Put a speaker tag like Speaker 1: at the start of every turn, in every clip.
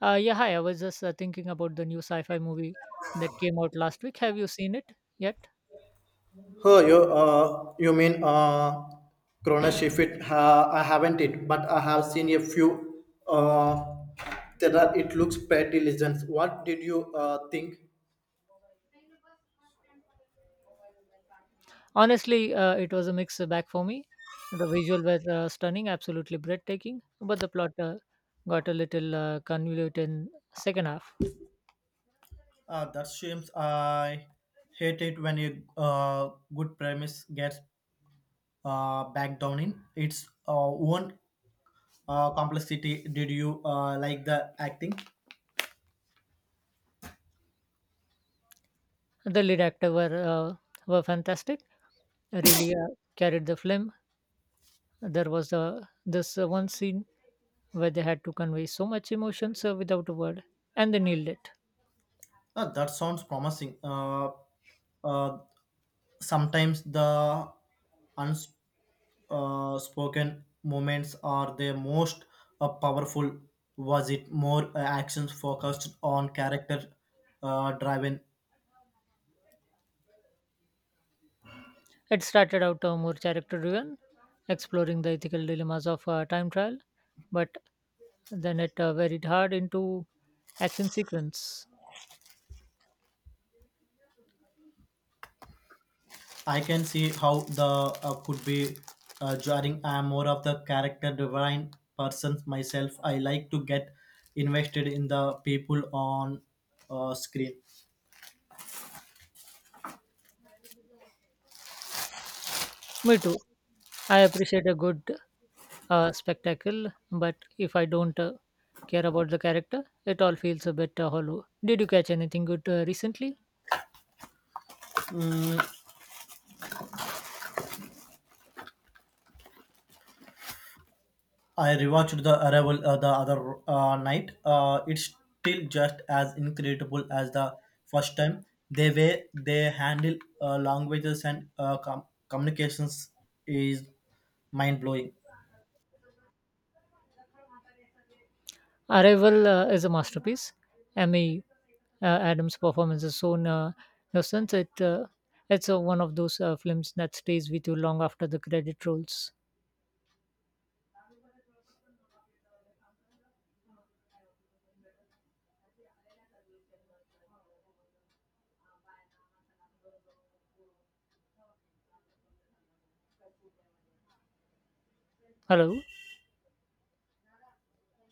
Speaker 1: Yeah, hi. I was just thinking about the new sci-fi movie that came out last week. Have you seen it yet?
Speaker 2: Oh, you mean Chronoshift? I haven't it, but I have seen a few. There are, it looks pretty legends. What did you think?
Speaker 1: Honestly, it was a mixed bag for me. The visual was stunning, absolutely breathtaking, but the plot got a little convoluted in second half.
Speaker 2: That seems I hate it when a good premise gets back down in its own complexity. Did you like the acting?
Speaker 1: The lead actor were fantastic. Really carried the film. There was this one scene where they had to convey so much emotions without a word, and they nailed it.
Speaker 2: That sounds promising. Uh, Sometimes the unspoken spoken moments are the most powerful. Was it more actions focused on character driven?
Speaker 1: It started out more character driven, exploring the ethical dilemmas of time trial, but then it varied hard into action sequence.
Speaker 2: I can see how the could be jarring. I am more of the character driven person myself. I like to get invested in the people on screen.
Speaker 1: Me too. I appreciate a good spectacle, but if I don't care about the character, it all feels a bit hollow. Did you catch anything good recently?
Speaker 2: I rewatched The Arrival the other night. It's still just as incredible as the first time. The way they handle languages and communications is mind blowing.
Speaker 1: Arrival is a masterpiece. Emmy Adams' performance is so innocent. It's one of those films that stays with you long after the credit rolls. Hello.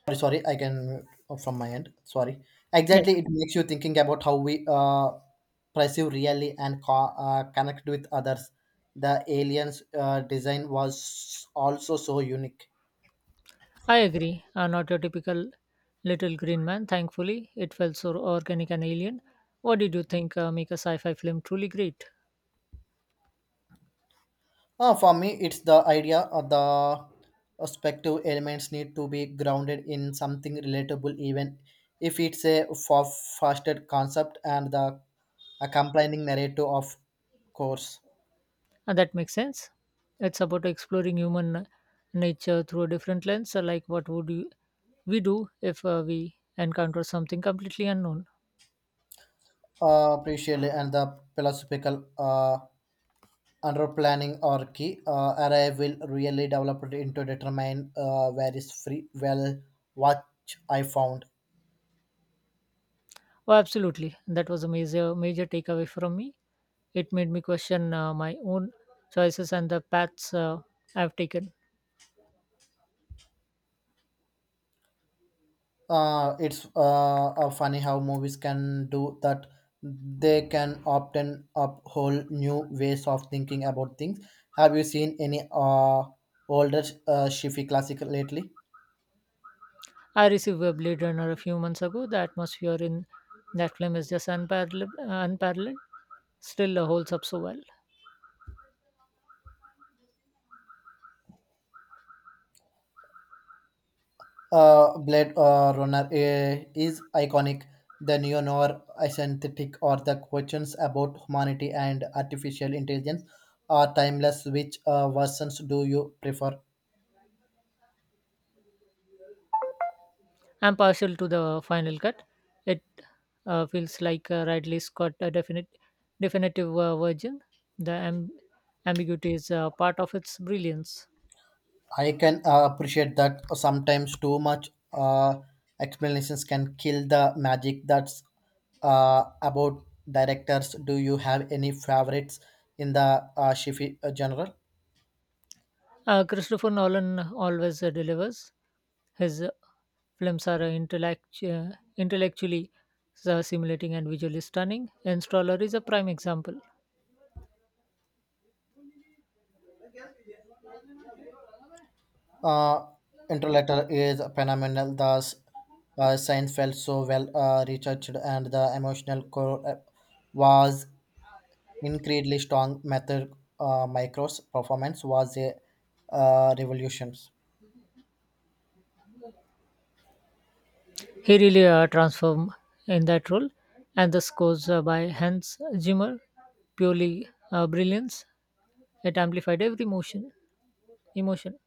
Speaker 2: Sorry, sorry, I can oh, from my end. Sorry.
Speaker 1: Yeah,
Speaker 2: Exactly, it makes you thinking about how we perceive really and connect with others. The aliens' design was also so unique.
Speaker 1: I agree. Not your typical little green man, thankfully. It felt so organic and alien. What did you think make a sci fi film truly great?
Speaker 2: For me, it's the idea of the perspective elements need to be grounded in something relatable, even if it's a far-fetched concept and the accompanying narrative, of course.
Speaker 1: And that makes sense. It's about exploring human nature through a different lens, like we do if we encounter something completely unknown.
Speaker 2: Appreciably, and the philosophical underplanning or key array will really develop it into determine where is free. Well, what I found.
Speaker 1: Oh, absolutely. That was a major, major takeaway from me. It made me question my own choices and the paths I've taken.
Speaker 2: It's funny how movies can do that. They can often up whole new ways of thinking about things. Have you seen any older shifi classic lately?
Speaker 1: I received a Blade Runner a few months ago. The atmosphere in that film is just unparalleled. Still holds up so well.
Speaker 2: Blade runner is iconic. The neo-noir synthetic or the questions about humanity and artificial intelligence are timeless. Which versions do you prefer?
Speaker 1: I'm partial to the final cut. It feels like Ridley Scott a definitive virgin. The ambiguity is part of its brilliance.
Speaker 2: I can appreciate that. Sometimes too much explanations can kill the magic. That's about directors. Do you have any favorites in the Shifi genre?
Speaker 1: Christopher Nolan always delivers. His films are intellectually simulating and visually stunning. Installer is a prime example.
Speaker 2: Uh, Interletter is phenomenal. The science felt so well researched, and the emotional core was incredibly strong. Method Micro's performance was a revolution.
Speaker 1: He really transformed in that role, and the scores by Hans Zimmer, purely brilliance. It amplified every emotion.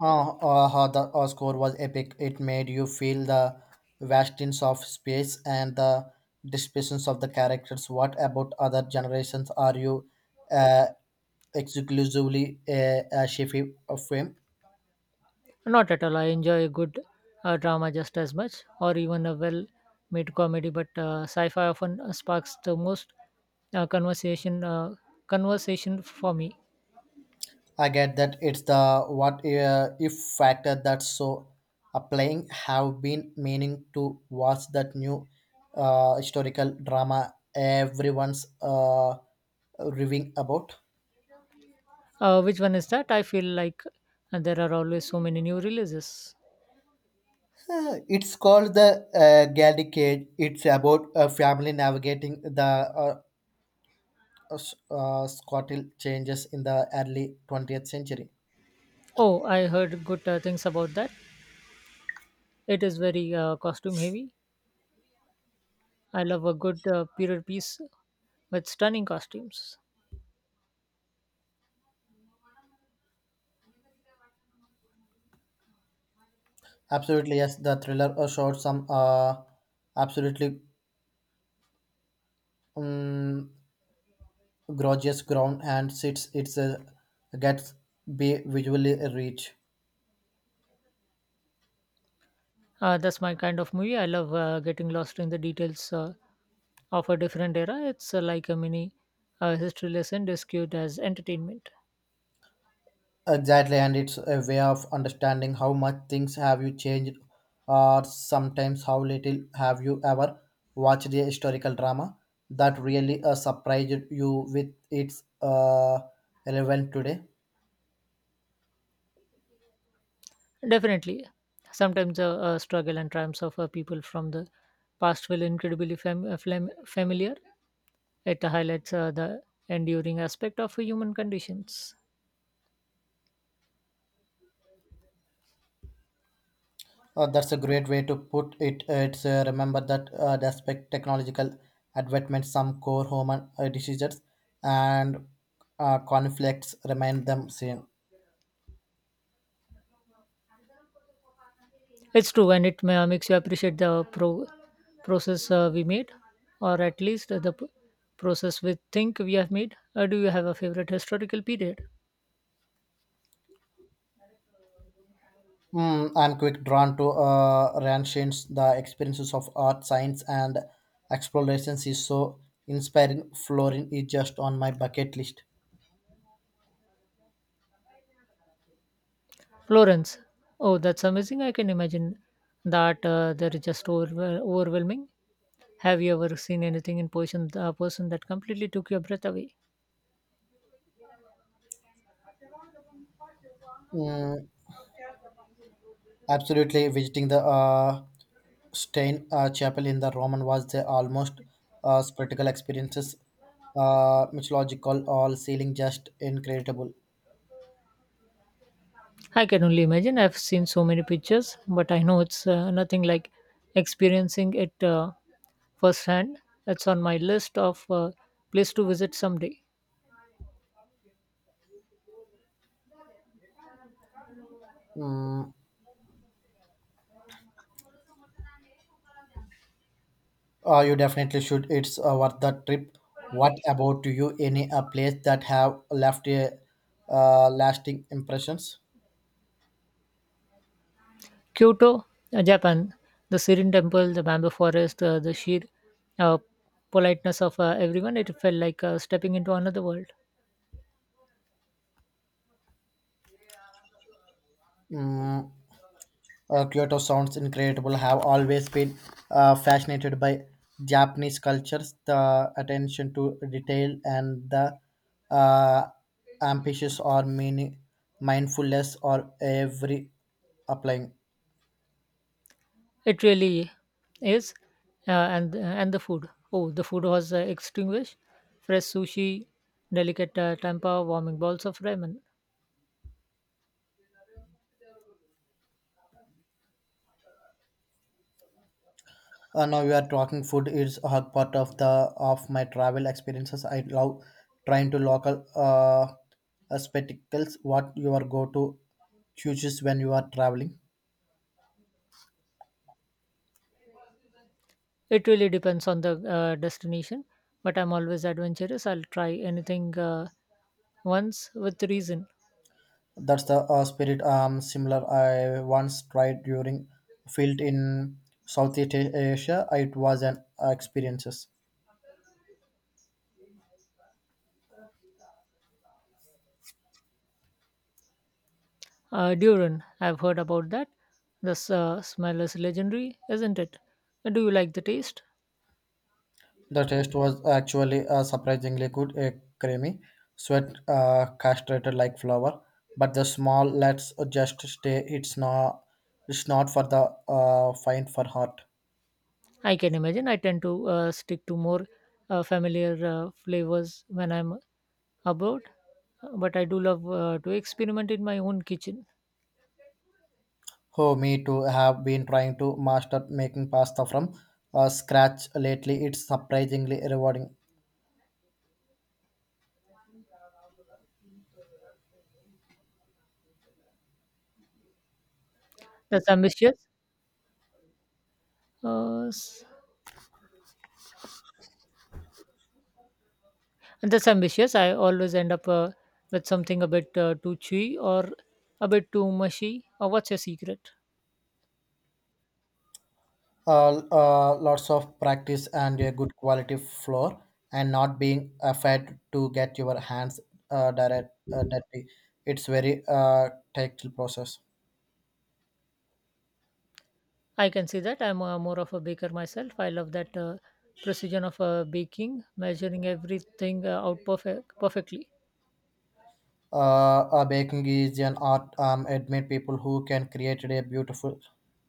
Speaker 2: The score was epic. It made you feel the vastness of space and the dispositions of the characters. What about other generations? Are you uh, exclusively a Shifi film?
Speaker 1: Not at all. I enjoy a good drama just as much, or even a well-made comedy. But sci-fi often sparks the most uh, conversation. Uh, conversation for me.
Speaker 2: I get that it's the what if factor that's so applying. Have been meaning to watch that new historical drama everyone's raving about.
Speaker 1: Which one is that? I feel like there are always so many new releases.
Speaker 2: It's called the Gaelic Age. It's about a family navigating the uh, Scottish changes in the early 20th century.
Speaker 1: Oh, I heard good things about that. It is very costume heavy. I love a good period piece with stunning costumes.
Speaker 2: Absolutely, yes. The thriller showed some absolutely um, gorgeous ground and sits. It's gets be visually rich.
Speaker 1: That's my kind of movie. I love getting lost in the details of a different era. It's like a mini history lesson discussed as entertainment.
Speaker 2: Exactly, and it's a way of understanding how much things have you changed, or sometimes how little. Have you ever watched a historical drama that really surprised you with its relevant today.
Speaker 1: Definitely. Sometimes struggle and triumphs of people from the past feel incredibly familiar. It highlights the enduring aspect of human conditions.
Speaker 2: That's a great way to put it. It's remember that despite technological advancements, some core human decisions and conflicts remain them same.
Speaker 1: It's true, and it makes you appreciate the process we made, or at least the process we think we have made. Do you have a favorite historical period?
Speaker 2: Mm, I'm quick drawn to Ranshin's the experiences of art, science, and explorations is so inspiring. Florin is just on my bucket list.
Speaker 1: Florence. Oh, that's amazing. I can imagine that they're just overwhelming. Have you ever seen anything in person, that completely took your breath away?
Speaker 2: Mm, absolutely, visiting the Stein Chapel in the Roman was the almost spectacle experiences, mythological, all ceiling just incredible.
Speaker 1: I can only imagine. I've seen so many pictures, but I know it's nothing like experiencing it firsthand. It's on my list of place to visit someday.
Speaker 2: Mm, you definitely should. It's worth the trip. What about you? Any place that have left a lasting impressions?
Speaker 1: Kyoto, Japan, the serene temple, the bamboo forest, the sheer uh, politeness of everyone. It felt like stepping into another world.
Speaker 2: Mm, Kyoto sounds incredible. Have always been fascinated by Japanese cultures, the attention to detail, and the uh, ambitious or meaning mindfulness or every applying.
Speaker 1: It really is, and the food. Oh, the food was extinguished. Fresh sushi, delicate tempura, warming bowls of ramen.
Speaker 2: Now you are talking. Food is a part of the of my travel experiences. I love trying to local spectacles. What your go to choices when you are traveling?
Speaker 1: It really depends on the destination, but I'm always adventurous. I'll try anything once with reason.
Speaker 2: That's the spirit. Similar. I once tried during field in Southeast Asia. It was an experiences.
Speaker 1: Duran, I've heard about that. The smell is legendary, isn't it? Do you like the taste?
Speaker 2: The taste was actually surprisingly good, a creamy, sweet, castrated like flour. But the small let's just stay. It's not. It's not for the fine for heart.
Speaker 1: I can imagine. I tend to stick to more familiar flavors when I'm abroad, but I do love to experiment in my own kitchen.
Speaker 2: Oh, me too. Have been trying to master making pasta from scratch lately. It's surprisingly rewarding.
Speaker 1: That's ambitious. Uh, I always end up with something a bit too chewy or a bit too mushy. What's your secret?
Speaker 2: Lots of practice and a good quality floor and not being afraid to get your hands direct dirty. It's very tactile process.
Speaker 1: I can see that. I'm more of a baker myself. I love that precision of baking, measuring everything out perfectly.
Speaker 2: uh, Baking is an art. Admit people who can create a beautiful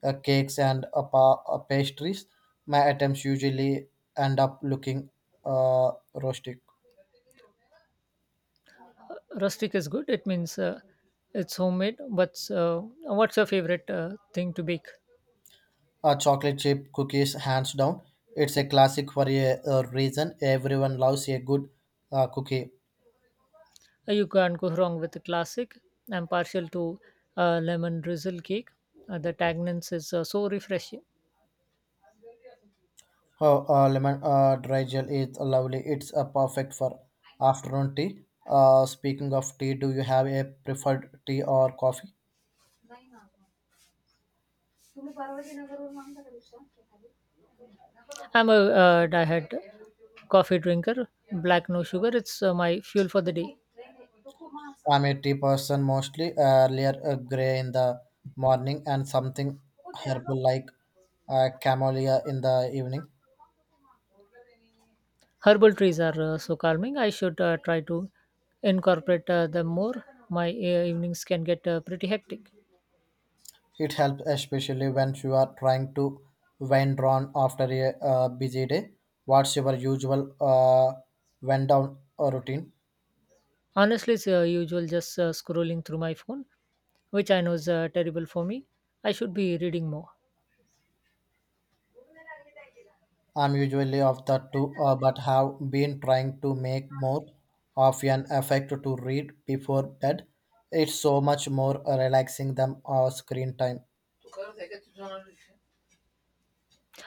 Speaker 2: cakes and pastries. My attempts usually end up looking rustic.
Speaker 1: Rustic is good. It means it's homemade. But what's your favorite thing to bake?
Speaker 2: Chocolate chip cookies, hands down. It's a classic for a reason. Everyone loves a good cookie.
Speaker 1: You can't go wrong with the classic. I'm partial to lemon drizzle cake. The tanginess is so refreshing.
Speaker 2: Oh, lemon dry gel is lovely. It's perfect for afternoon tea. Speaking of tea, do you have a preferred tea or coffee?
Speaker 1: I'm a diehard coffee drinker. Black, no sugar. It's my fuel for the day.
Speaker 2: I'm a tea person mostly. Earlier, a gray in the morning and something herbal like camellia in the evening.
Speaker 1: Herbal trees are so calming. I should try to incorporate them more. My evenings can get pretty hectic.
Speaker 2: It helps especially when you are trying to wind down after a busy day. What's your usual wind down routine?
Speaker 1: Honestly, it's usual just scrolling through my phone, which I know is terrible for me. I should be reading more.
Speaker 2: I'm usually of the two, but have been trying to make more of an effect to read before bed. It's so much more relaxing than screen time.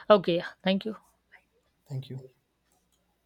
Speaker 1: Okay, yeah, thank you.
Speaker 2: Thank you.